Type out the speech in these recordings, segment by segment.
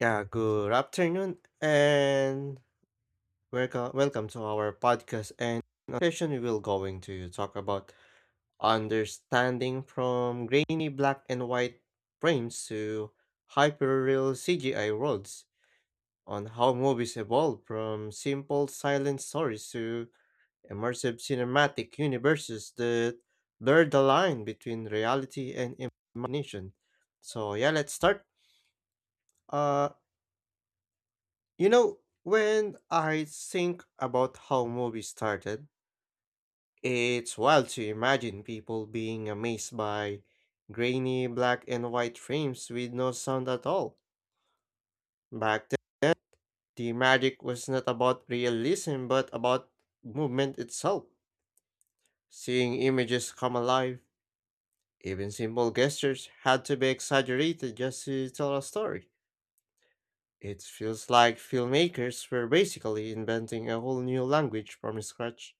Yeah, good afternoon and welcome to our podcast. And on session we will going to talk about understanding from grainy black and white frames to hyperreal CGI worlds on how movies evolve from simple silent stories to immersive cinematic universes that blur the line between reality and imagination. So yeah, let's start. Uh. You know, when I think about how movies started, it's wild to imagine people being amazed by grainy black and white frames with no sound at all. Back then, the magic was not about realism but about movement itself. Seeing images come alive, even simple gestures had to be exaggerated just to tell a story. It feels like filmmakers were basically inventing a whole new language from scratch.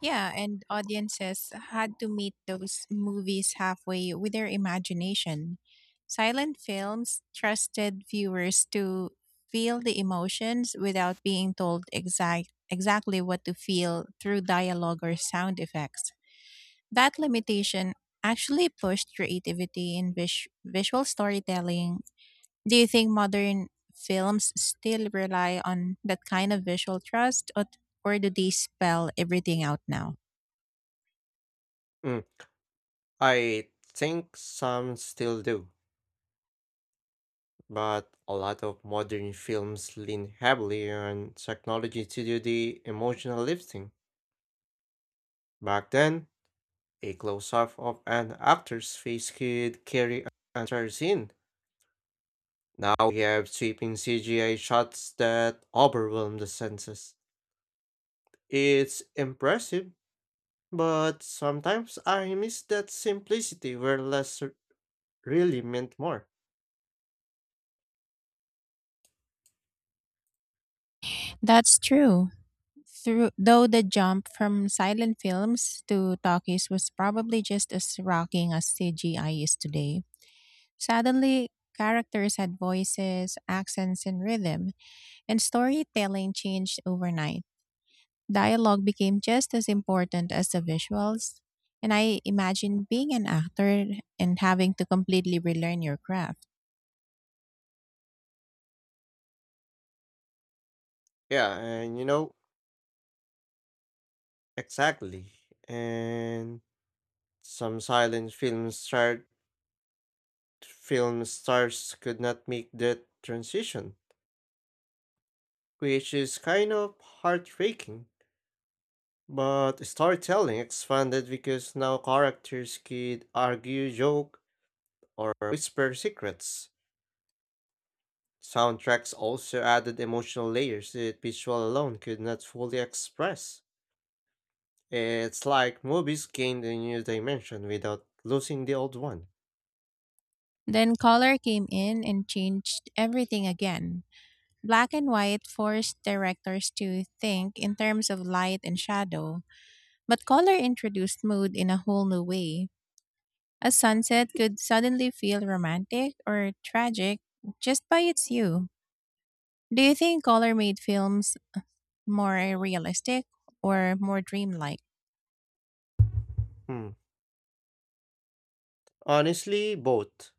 Yeah, and audiences had to meet those movies halfway with their imagination. Silent films trusted viewers to feel the emotions without being told exactly what to feel through dialogue or sound effects. That limitation actually pushed creativity in visual storytelling. Do you think modern films still rely on that kind of visual trust, or do they spell everything out now? I think some still do, but a lot of modern films lean heavily on technology to do the emotional lifting. Back then, a close up of an actor's face could carry an entire scene. Now we have sweeping CGI shots that overwhelm the senses. It's impressive, but sometimes I miss that simplicity where less really meant more. That's true. Though the jump from silent films to talkies was probably just as rocking as CGI is today. Suddenly, characters had voices, accents, and rhythm, and storytelling changed overnight. Dialogue became just as important as the visuals, and I imagine being an actor and having to completely relearn your craft. Yeah, and you know, exactly. And some silent film start film stars could not make that transition, which is kind of heartbreaking. But storytelling expanded because now characters could argue, joke, or whisper secrets. Soundtracks also added emotional layers that visual alone could not fully express. It's like movies gained a new dimension without losing the old one. Then color came in and changed everything again. Black and white forced directors to think in terms of light and shadow, but color introduced mood in a whole new way. A sunset could suddenly feel romantic or tragic just by its hue. Do you think color made films more realistic or more dreamlike? Hmm. Honestly, both.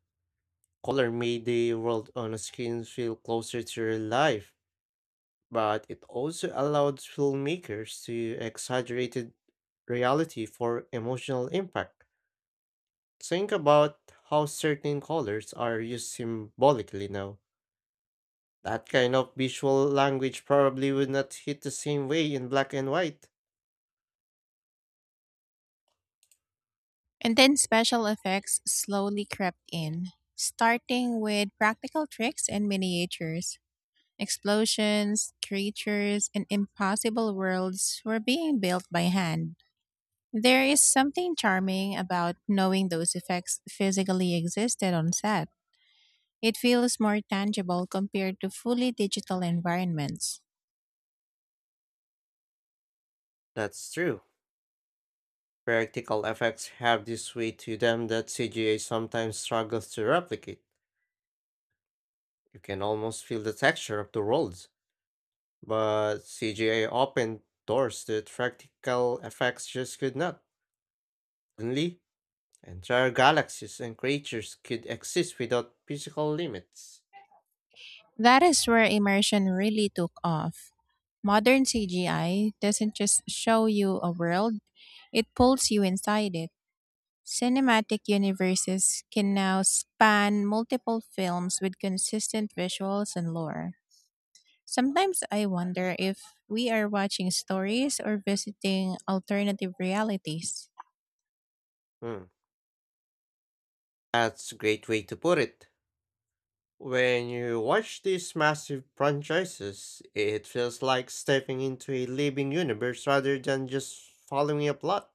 Color made the world on screen feel closer to real life, but it also allowed filmmakers to exaggerate reality for emotional impact. Think about how certain colors are used symbolically now. That kind of visual language probably would not hit the same way in black and white. And then special effects slowly crept in, starting with practical tricks and miniatures. Explosions, creatures, and impossible worlds were being built by hand. There is something charming about knowing those effects physically existed on set. It feels more tangible compared to fully digital environments. That's true. Practical effects have this way to them that CGA sometimes struggles to replicate. You can almost feel the texture of the roads, but CGA opened doors that practical effects just could not. Only entire galaxies and creatures could exist without physical limits. That is where immersion really took off. Modern CGI doesn't just show you a world, it pulls you inside it. Cinematic universes can now span multiple films with consistent visuals and lore. Sometimes I wonder if we are watching stories or visiting alternative realities. Hmm, that's a great way to put it. When you watch these massive franchises, it feels like stepping into a living universe rather than just following a plot.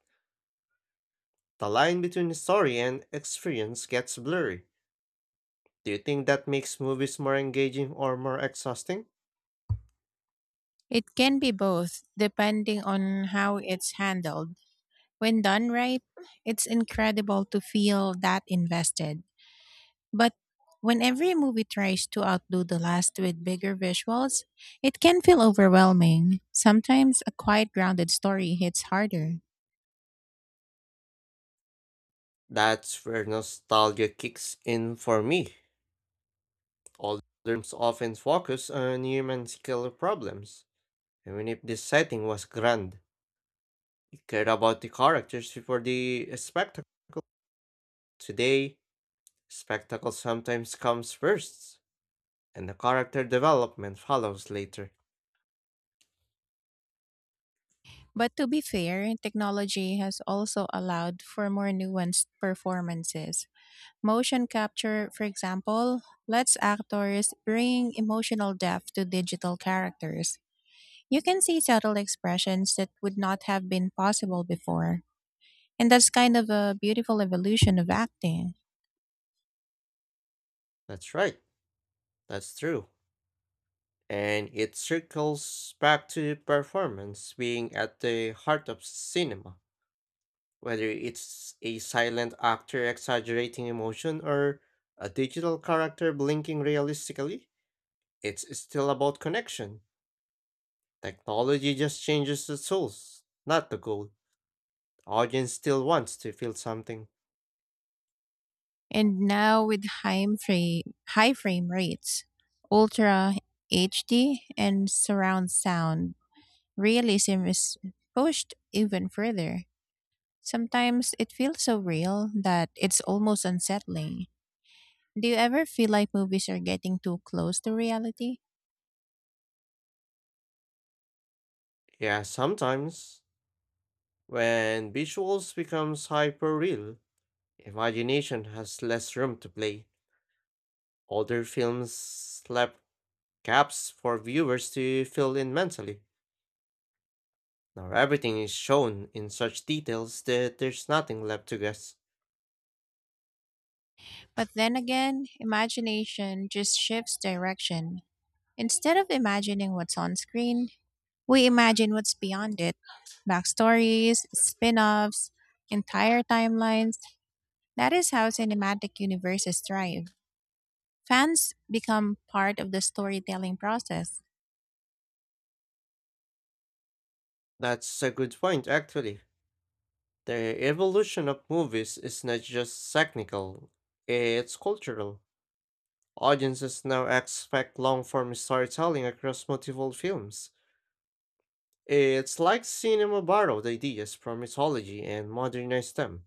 The line between story and experience gets blurry. Do you think that makes movies more engaging or more exhausting? It can be both, depending on how it's handled. When done right, it's incredible to feel that invested. But when every movie tries to outdo the last with bigger visuals, it can feel overwhelming. Sometimes a quiet, grounded story hits harder. That's where nostalgia kicks in for me. Older films often focus on human skill problems, even if the setting was grand. It cared about the characters before the spectacle. Today, spectacle sometimes comes first, and the character development follows later. But to be fair, technology has also allowed for more nuanced performances. Motion capture, for example, lets actors bring emotional depth to digital characters. You can see subtle expressions that would not have been possible before. And that's kind of a beautiful evolution of acting. That's right, that's true. And it circles back to performance being at the heart of cinema, whether it's a silent actor exaggerating emotion or a digital character blinking realistically, it's still about connection. Technology just changes the tools, not the goal. The audience still wants to feel something. And now with high frame rates, ultra HD, and surround sound, realism is pushed even further. Sometimes it feels so real that it's almost unsettling. Do you ever feel like movies are getting too close to reality? Yeah, sometimes when visuals becomes hyper real, imagination has less room to play. Older films left gaps for viewers to fill in mentally. Now everything is shown in such details that there's nothing left to guess. But then again, imagination just shifts direction. Instead of imagining what's on screen, we imagine what's beyond it: backstories, spin offs, entire timelines. That is how cinematic universes thrive. Fans become part of the storytelling process. That's a good point, actually. The evolution of movies is not just technical, it's cultural. Audiences now expect long form storytelling across multiple films. It's like cinema borrowed ideas from mythology and modernized them.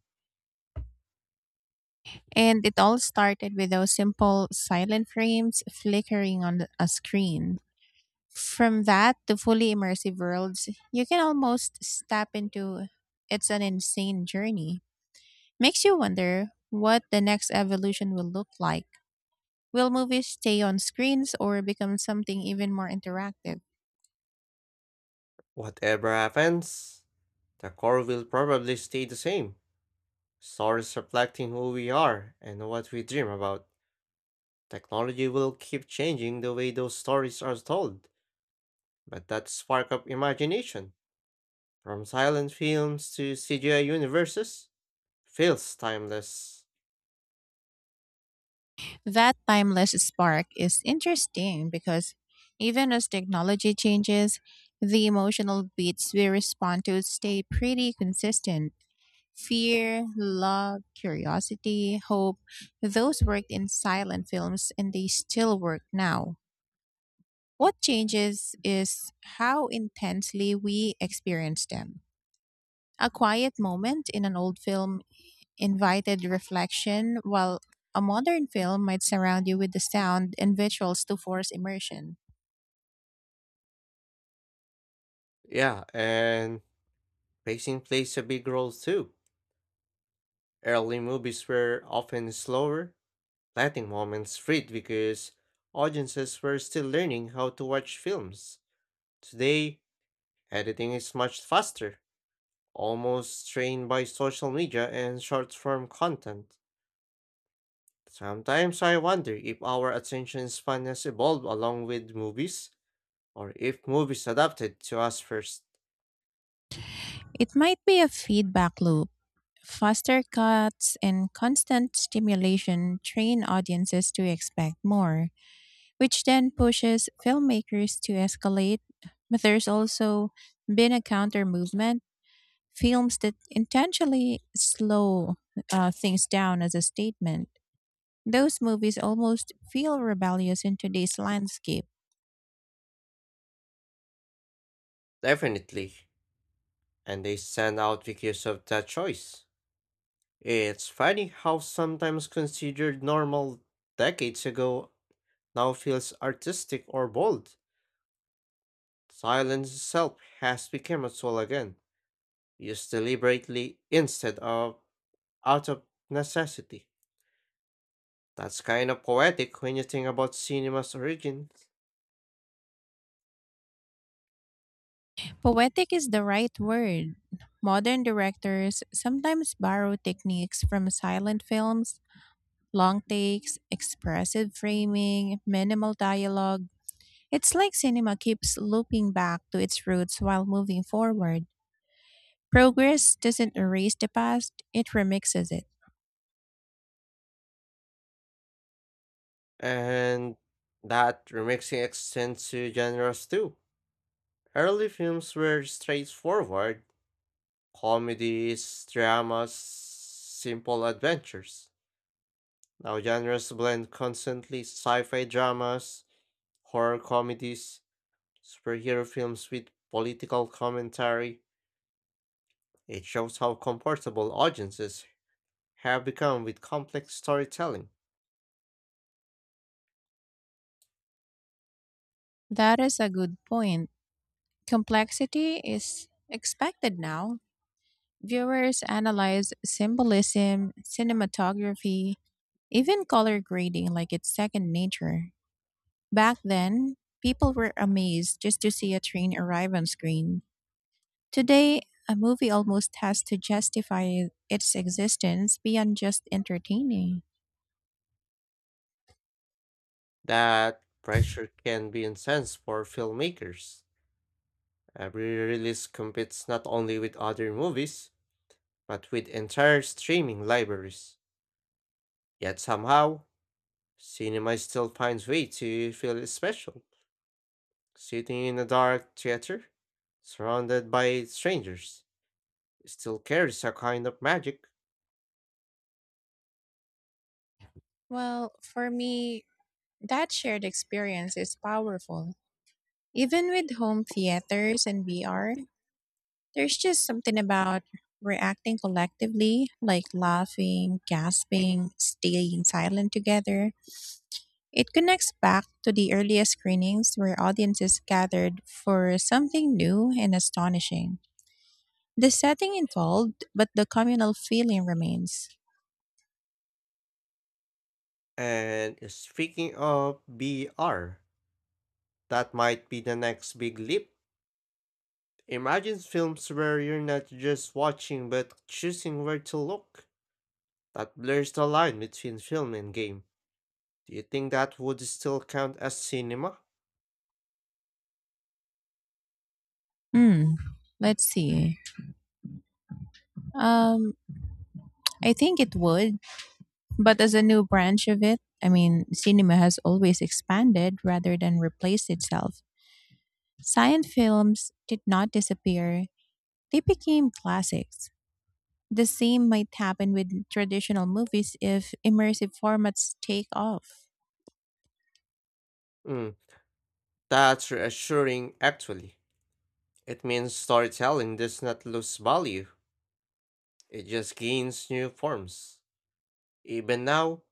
And it all started with those simple silent frames flickering on a screen. From that to fully immersive worlds you can almost step into, it's an insane journey. Makes you wonder what the next evolution will look like. Will movies stay on screens or become something even more interactive? Whatever happens, the core will probably stay the same, stories reflecting who we are and what we dream about. Technology will keep changing the way those stories are told, but that spark of imagination, from silent films to CGI universes, feels timeless. That timeless spark is interesting because even as technology changes, the emotional beats we respond to stay pretty consistent. Fear, love, curiosity, hope, those worked in silent films and they still work now. What changes is how intensely we experience them. A quiet moment in an old film invited reflection, while a modern film might surround you with the sound and visuals to force immersion. Yeah, and pacing plays a big role too. Early movies were often slower, letting moments fade because audiences were still learning how to watch films. Today, editing is much faster, almost trained by social media and short form content. Sometimes I wonder if our attention span has evolved along with movies, or if movies adapted to us first. It might be a feedback loop. Faster cuts and constant stimulation train audiences to expect more, which then pushes filmmakers to escalate. But there's also been a counter movement, films that intentionally slow things down as a statement. Those movies almost feel rebellious in today's landscape. Definitely. And they stand out because of that choice. It's funny how sometimes considered normal decades ago now feels artistic or bold. Silence itself has become a tool again, used deliberately instead of out of necessity. That's kind of poetic when you think about cinema's origin. Poetic is the right word. Modern directors sometimes borrow techniques from silent films: long takes, expressive framing, minimal dialogue. It's like cinema keeps looping back to its roots while moving forward. Progress doesn't erase the past, it remixes it. And that remixing extends to genres too. Early films were straightforward comedies, dramas, simple adventures. Now genres blend constantly sci fi dramas, horror comedies, superhero films with political commentary. It shows how comfortable audiences have become with complex storytelling. That is a good point. Complexity is expected now. Viewers analyze symbolism, cinematography, even color grading like it's second nature. Back then, people were amazed just to see a train arrive on screen. Today, a movie almost has to justify its existence beyond just entertaining. That pressure can be intense for filmmakers. Every release competes not only with other movies, but with entire streaming libraries. Yet somehow, cinema still finds way to feel special. Sitting in a dark theater, surrounded by strangers, still carries a kind of magic. Well, for me, that shared experience is powerful. Even with home theaters and VR, there's just something about reacting collectively, like laughing, gasping, staying silent together. It connects back to the earliest screenings where audiences gathered for something new and astonishing. The setting involved, but the communal feeling remains. And speaking of VR, that might be the next big leap. Imagine films where you're not just watching but choosing where to look. That blurs the line between film and game. Do you think that would still count as cinema? Hmm. Let's see. Um, I think it would, but as a new branch of it. I mean, cinema has always expanded rather than replaced itself. Silent films did not disappear, they became classics. The same might happen with traditional movies if immersive formats take off. Mm, that's reassuring, actually. It means storytelling does not lose value, it just gains new forms. Even now,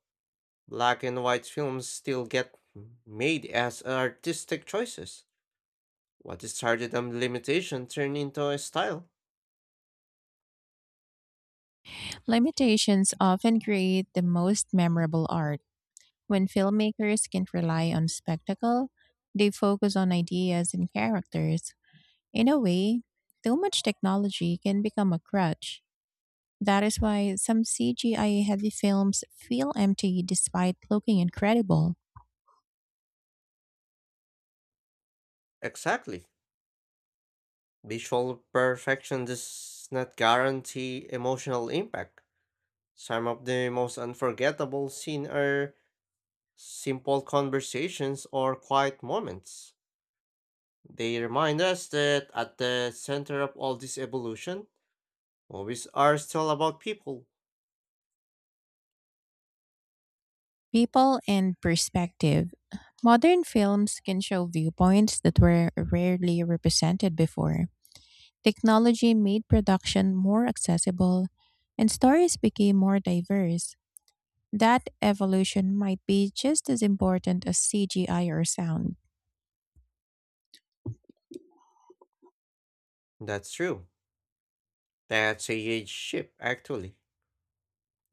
black and white films still get made as artistic choices. What started a limitation turned into a style. Limitations often create the most memorable art. When filmmakers can't rely on spectacle, they focus on ideas and characters. In a way, too much technology can become a crutch. That is why some CGI heavy films feel empty despite looking incredible. Exactly. Visual perfection does not guarantee emotional impact. Some of the most unforgettable scenes are simple conversations or quiet moments. They remind us that at the center of all this evolution, movies are still about people. People and perspective. Modern films can show viewpoints that were rarely represented before. Technology made production more accessible, and stories became more diverse. That evolution might be just as important as CGI or sound. That's true. That's a huge shift, actually.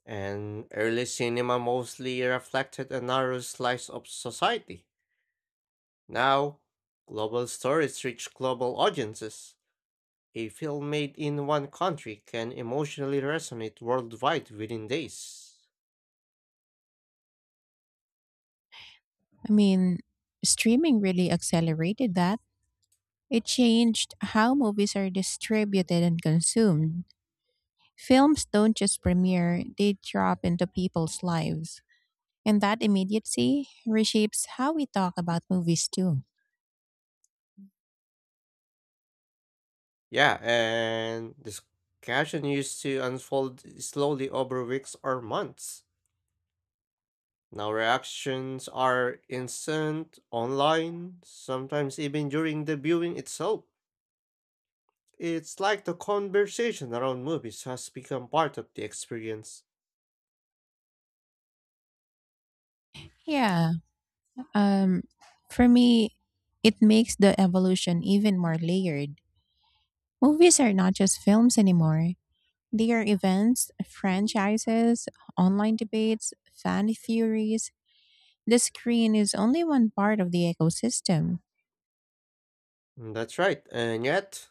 And early cinema mostly reflected a narrow slice of society. Now, global stories reach global audiences. A film made in one country can emotionally resonate worldwide within days. I mean, streaming really accelerated that. It changed how movies are distributed and consumed. Films don't just premiere, they drop into people's lives. And that immediacy reshapes how we talk about movies too. Yeah, and discussion used to unfold slowly over weeks or months. Now reactions are instant, online, sometimes even during the viewing itself. It's like the conversation around movies has become part of the experience. Yeah. Um for me, it makes the evolution even more layered. Movies are not just films anymore. They are events, franchises, online debates, fan theories. The screen is only one part of the ecosystem. Mm, that's right, and yet,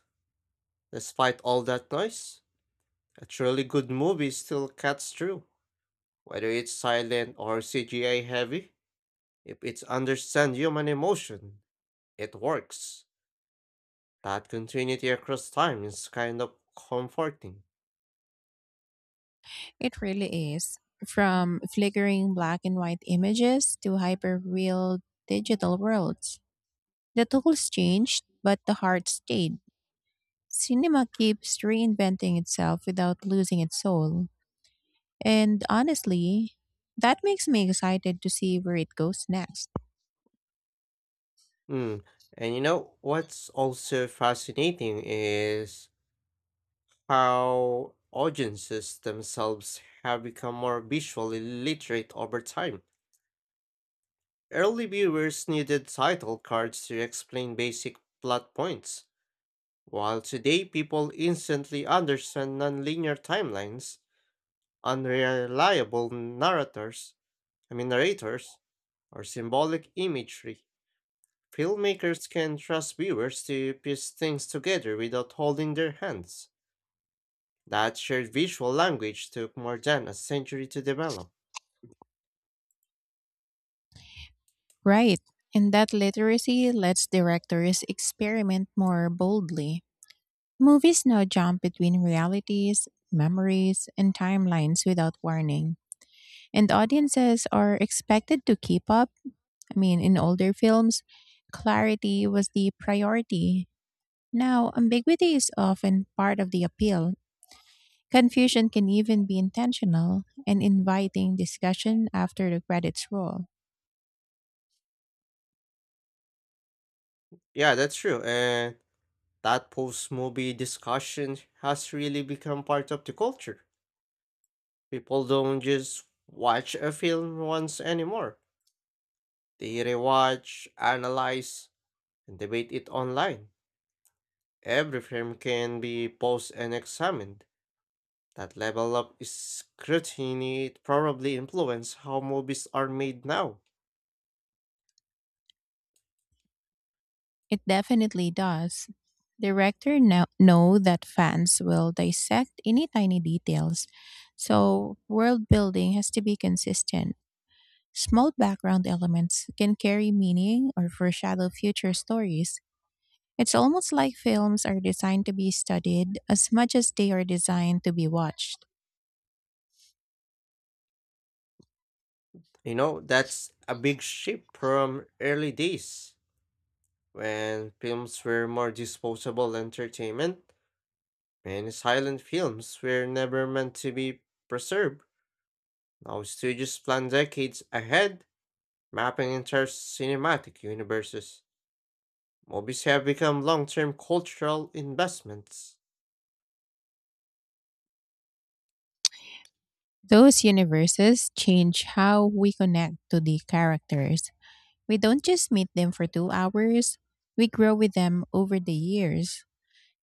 despite all that noise, a truly good movie still cuts through, whether it's silent or CGI heavy, if it's understand human emotion, it works. That continuity across time is kind of comforting. It really is. From flickering black and white images to hyper real digital worlds. The tools changed, but the heart stayed. Cinema keeps reinventing itself without losing its soul. And honestly, that makes me excited to see where it goes next. Mm. And you know, what's also fascinating is how audiences themselves have become more visually literate over time. Early viewers needed title cards to explain basic plot points, while today people instantly understand nonlinear timelines, unreliable narrators, I mean narrators, or symbolic imagery. Filmmakers can trust viewers to piece things together without holding their hands. That shared visual language took more than a century to develop. Right. And that literacy lets directors experiment more boldly. Movies now jump between realities, memories, and timelines without warning. And audiences are expected to keep up. I mean, in older films, clarity was the priority. Now, ambiguity is often part of the appeal. Confusion can even be intentional and inviting discussion after the credits roll. Yeah, that's true, and that post movie discussion has really become part of the culture. People don't just watch a film once anymore, they rewatch, analyze, and debate it online. Every frame can be paused and examined. That level of scrutiny probably influenced how movies are made now. It definitely does. Director now know that fans will dissect any tiny details, so world building has to be consistent. Small background elements can carry meaning or foreshadow future stories. It's almost like films are designed to be studied as much as they are designed to be watched. You know, that's a big shift from early days when films were more disposable entertainment. Many silent films were never meant to be preserved. Now studios plan decades ahead, mapping entire cinematic universes. Movies have become long term cultural investments. Those universes change how we connect to the characters. We don't just meet them for 2 hours, we grow with them over the years.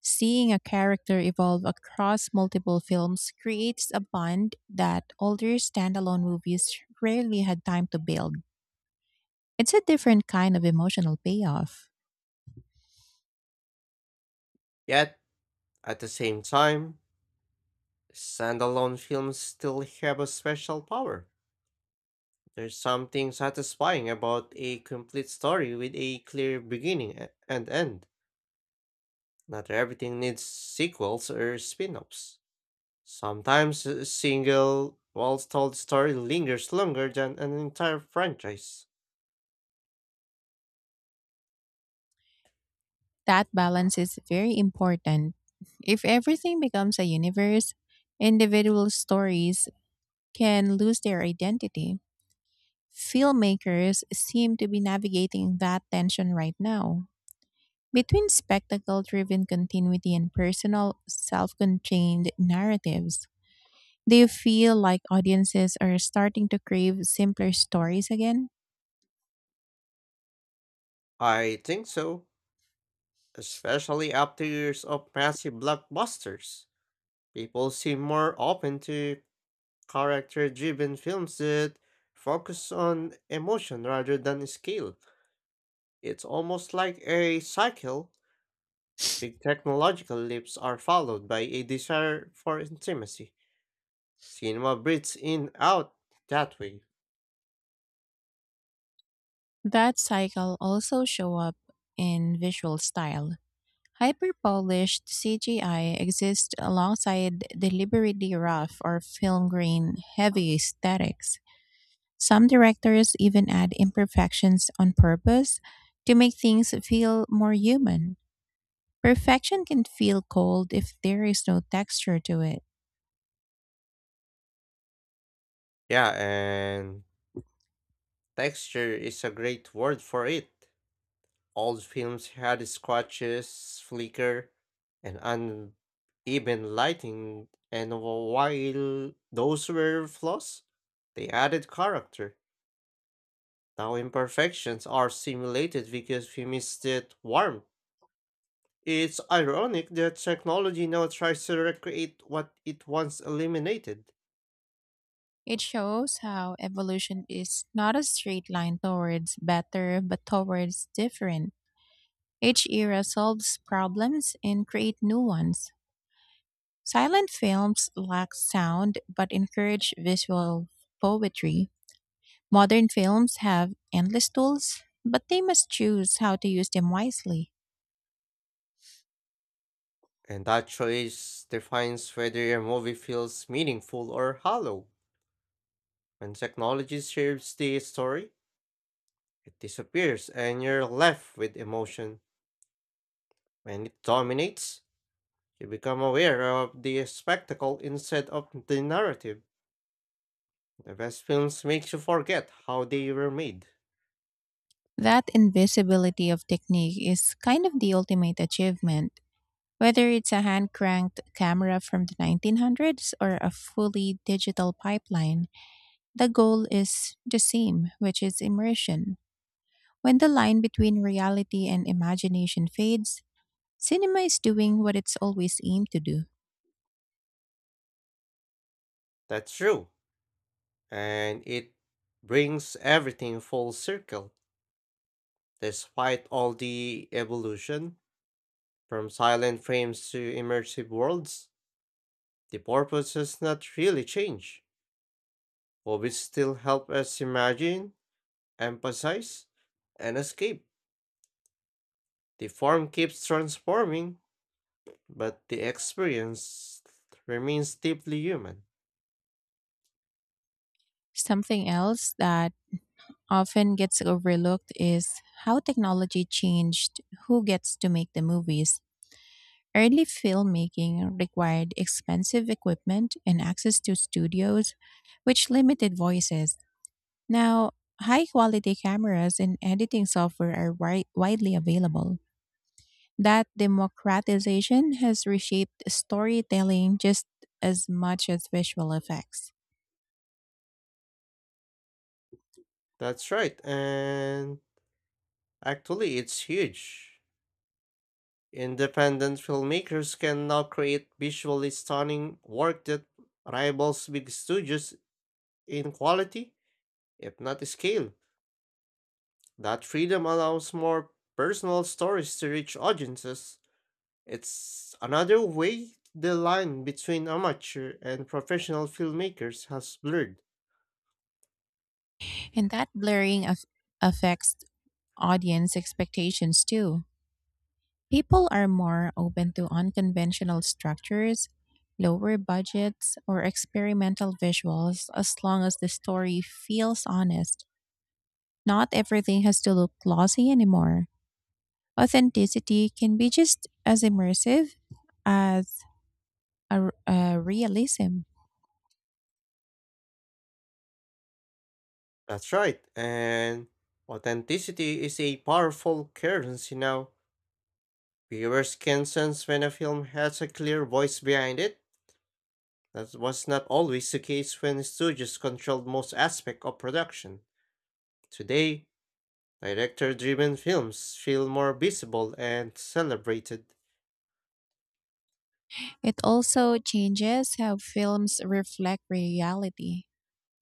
Seeing a character evolve across multiple films creates a bond that older standalone movies rarely had time to build. It's a different kind of emotional payoff. Yet, at the same time, standalone films still have a special power. There's something satisfying about a complete story with a clear beginning and end. Not everything needs sequels or spin offs. Sometimes a single, well told story lingers longer than an entire franchise. That balance is very important. If everything becomes a universe, individual stories can lose their identity. Filmmakers seem to be navigating that tension right now between spectacle driven continuity and personal self contained narratives. Do you feel like audiences are starting to crave simpler stories again? I think so, especially after years of massive blockbusters. People seem more open to character driven films that focus on emotion rather than scale. It's almost like a cycle. Big technological leaps are followed by a desire for intimacy. Cinema breathes in out that way. That cycle also show up in visual style. Hyper-polished CGI exists alongside deliberately rough or film grain heavy aesthetics. Some directors even add imperfections on purpose to make things feel more human. Perfection can feel cold if there is no texture to it. Yeah, and texture is a great word for it. Old films had scratches, flicker, and uneven lighting, and while those were flaws, they added character. Now imperfections are simulated because we missed that warmth. It's ironic that technology now tries to recreate what it once eliminated, It shows how evolution is not a straight line towards better, but towards different. Each era solves problems and create new ones. Silent films lack sound but encourage visual poetry. Modern films have endless tools, but they must choose how to use them wisely. and that choice defines whether a movie feels meaningful or hollow. When technology shapes the story, it disappears and you're left with emotion. When it dominates, you become aware of the spectacle instead of the narrative. The best films makes you forget how they were made. That invisibility of technique is kind of the ultimate achievement. Whether it's a hand cranked camera from the 1900s or a fully digital pipeline, the goal is the same, which is immersion. When the line between reality and imagination fades, cinema is doing what it's always aimed to do. That's true. And it brings everything full circle. Despite all the evolution, from silent frames to immersive worlds, the purpose has not really changed. Movies still help us imagine, emphasize, and escape. The form keeps transforming, but the experience remains deeply human. Something else that often gets overlooked is how technology changed who gets to make the movies. Early filmmaking required expensive equipment and access to studios, which limited voices. Now, high quality cameras and editing software are widely available. That democratization has reshaped storytelling just as much as visual effects. That's right, and actually, it's huge. Independent filmmakers can now create visually stunning work that rivals big studios in quality, if not scale. That freedom allows more personal stories to reach audiences. It's another way the line between amateur and professional filmmakers has blurred. And that blurring aff affects audience expectations too. People are more open to unconventional structures, lower budgets, or experimental visuals as long as the story feels honest. Not everything has to look glossy anymore. Authenticity can be just as immersive as a realism. That's right, and authenticity is a powerful currency now. Viewers can sense when a film has a clear voice behind it. That was not always the case when studios controlled most aspects of production. Today, director driven films feel more visible and celebrated. It also changes how films reflect reality.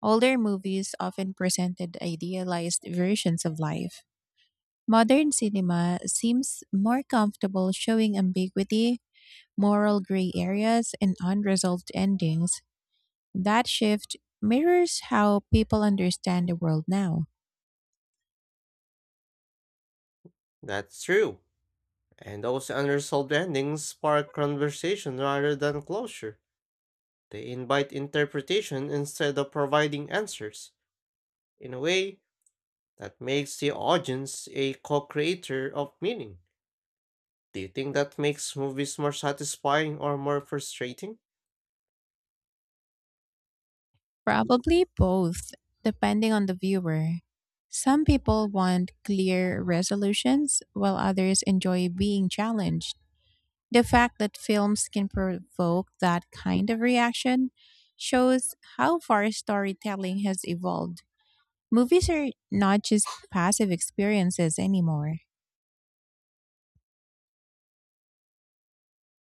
Older movies often presented idealized versions of life. Modern cinema seems more comfortable showing ambiguity, moral gray areas, and unresolved endings. That shift mirrors how people understand the world now. That's true, and those unresolved endings spark conversation rather than closure. They invite interpretation instead of providing answers. In a way, that makes the audience a co-creator of meaning. Do you think that makes movies more satisfying or more frustrating? Probably both, depending on the viewer. Some people want clear resolutions, while others enjoy being challenged. The fact that films can provoke that kind of reaction shows how far storytelling has evolved. Movies are not just passive experiences anymore.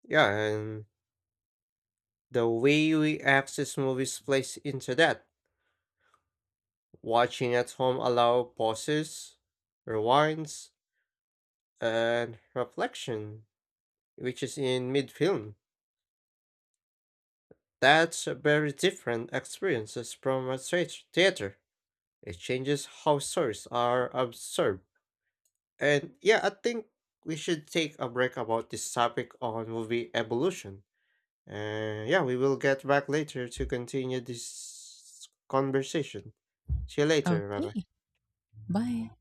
Yeah, and the way we access movies plays into that. Watching at home allow pauses, rewinds, and reflection, which is in mid-film. That's a very different experiences from a straight theater. It changes how stories are absorbed. And yeah, I think we should take a break about this topic on movie evolution. And yeah, we will get back later to continue this conversation. See you later. Bye bye. Okay, bye.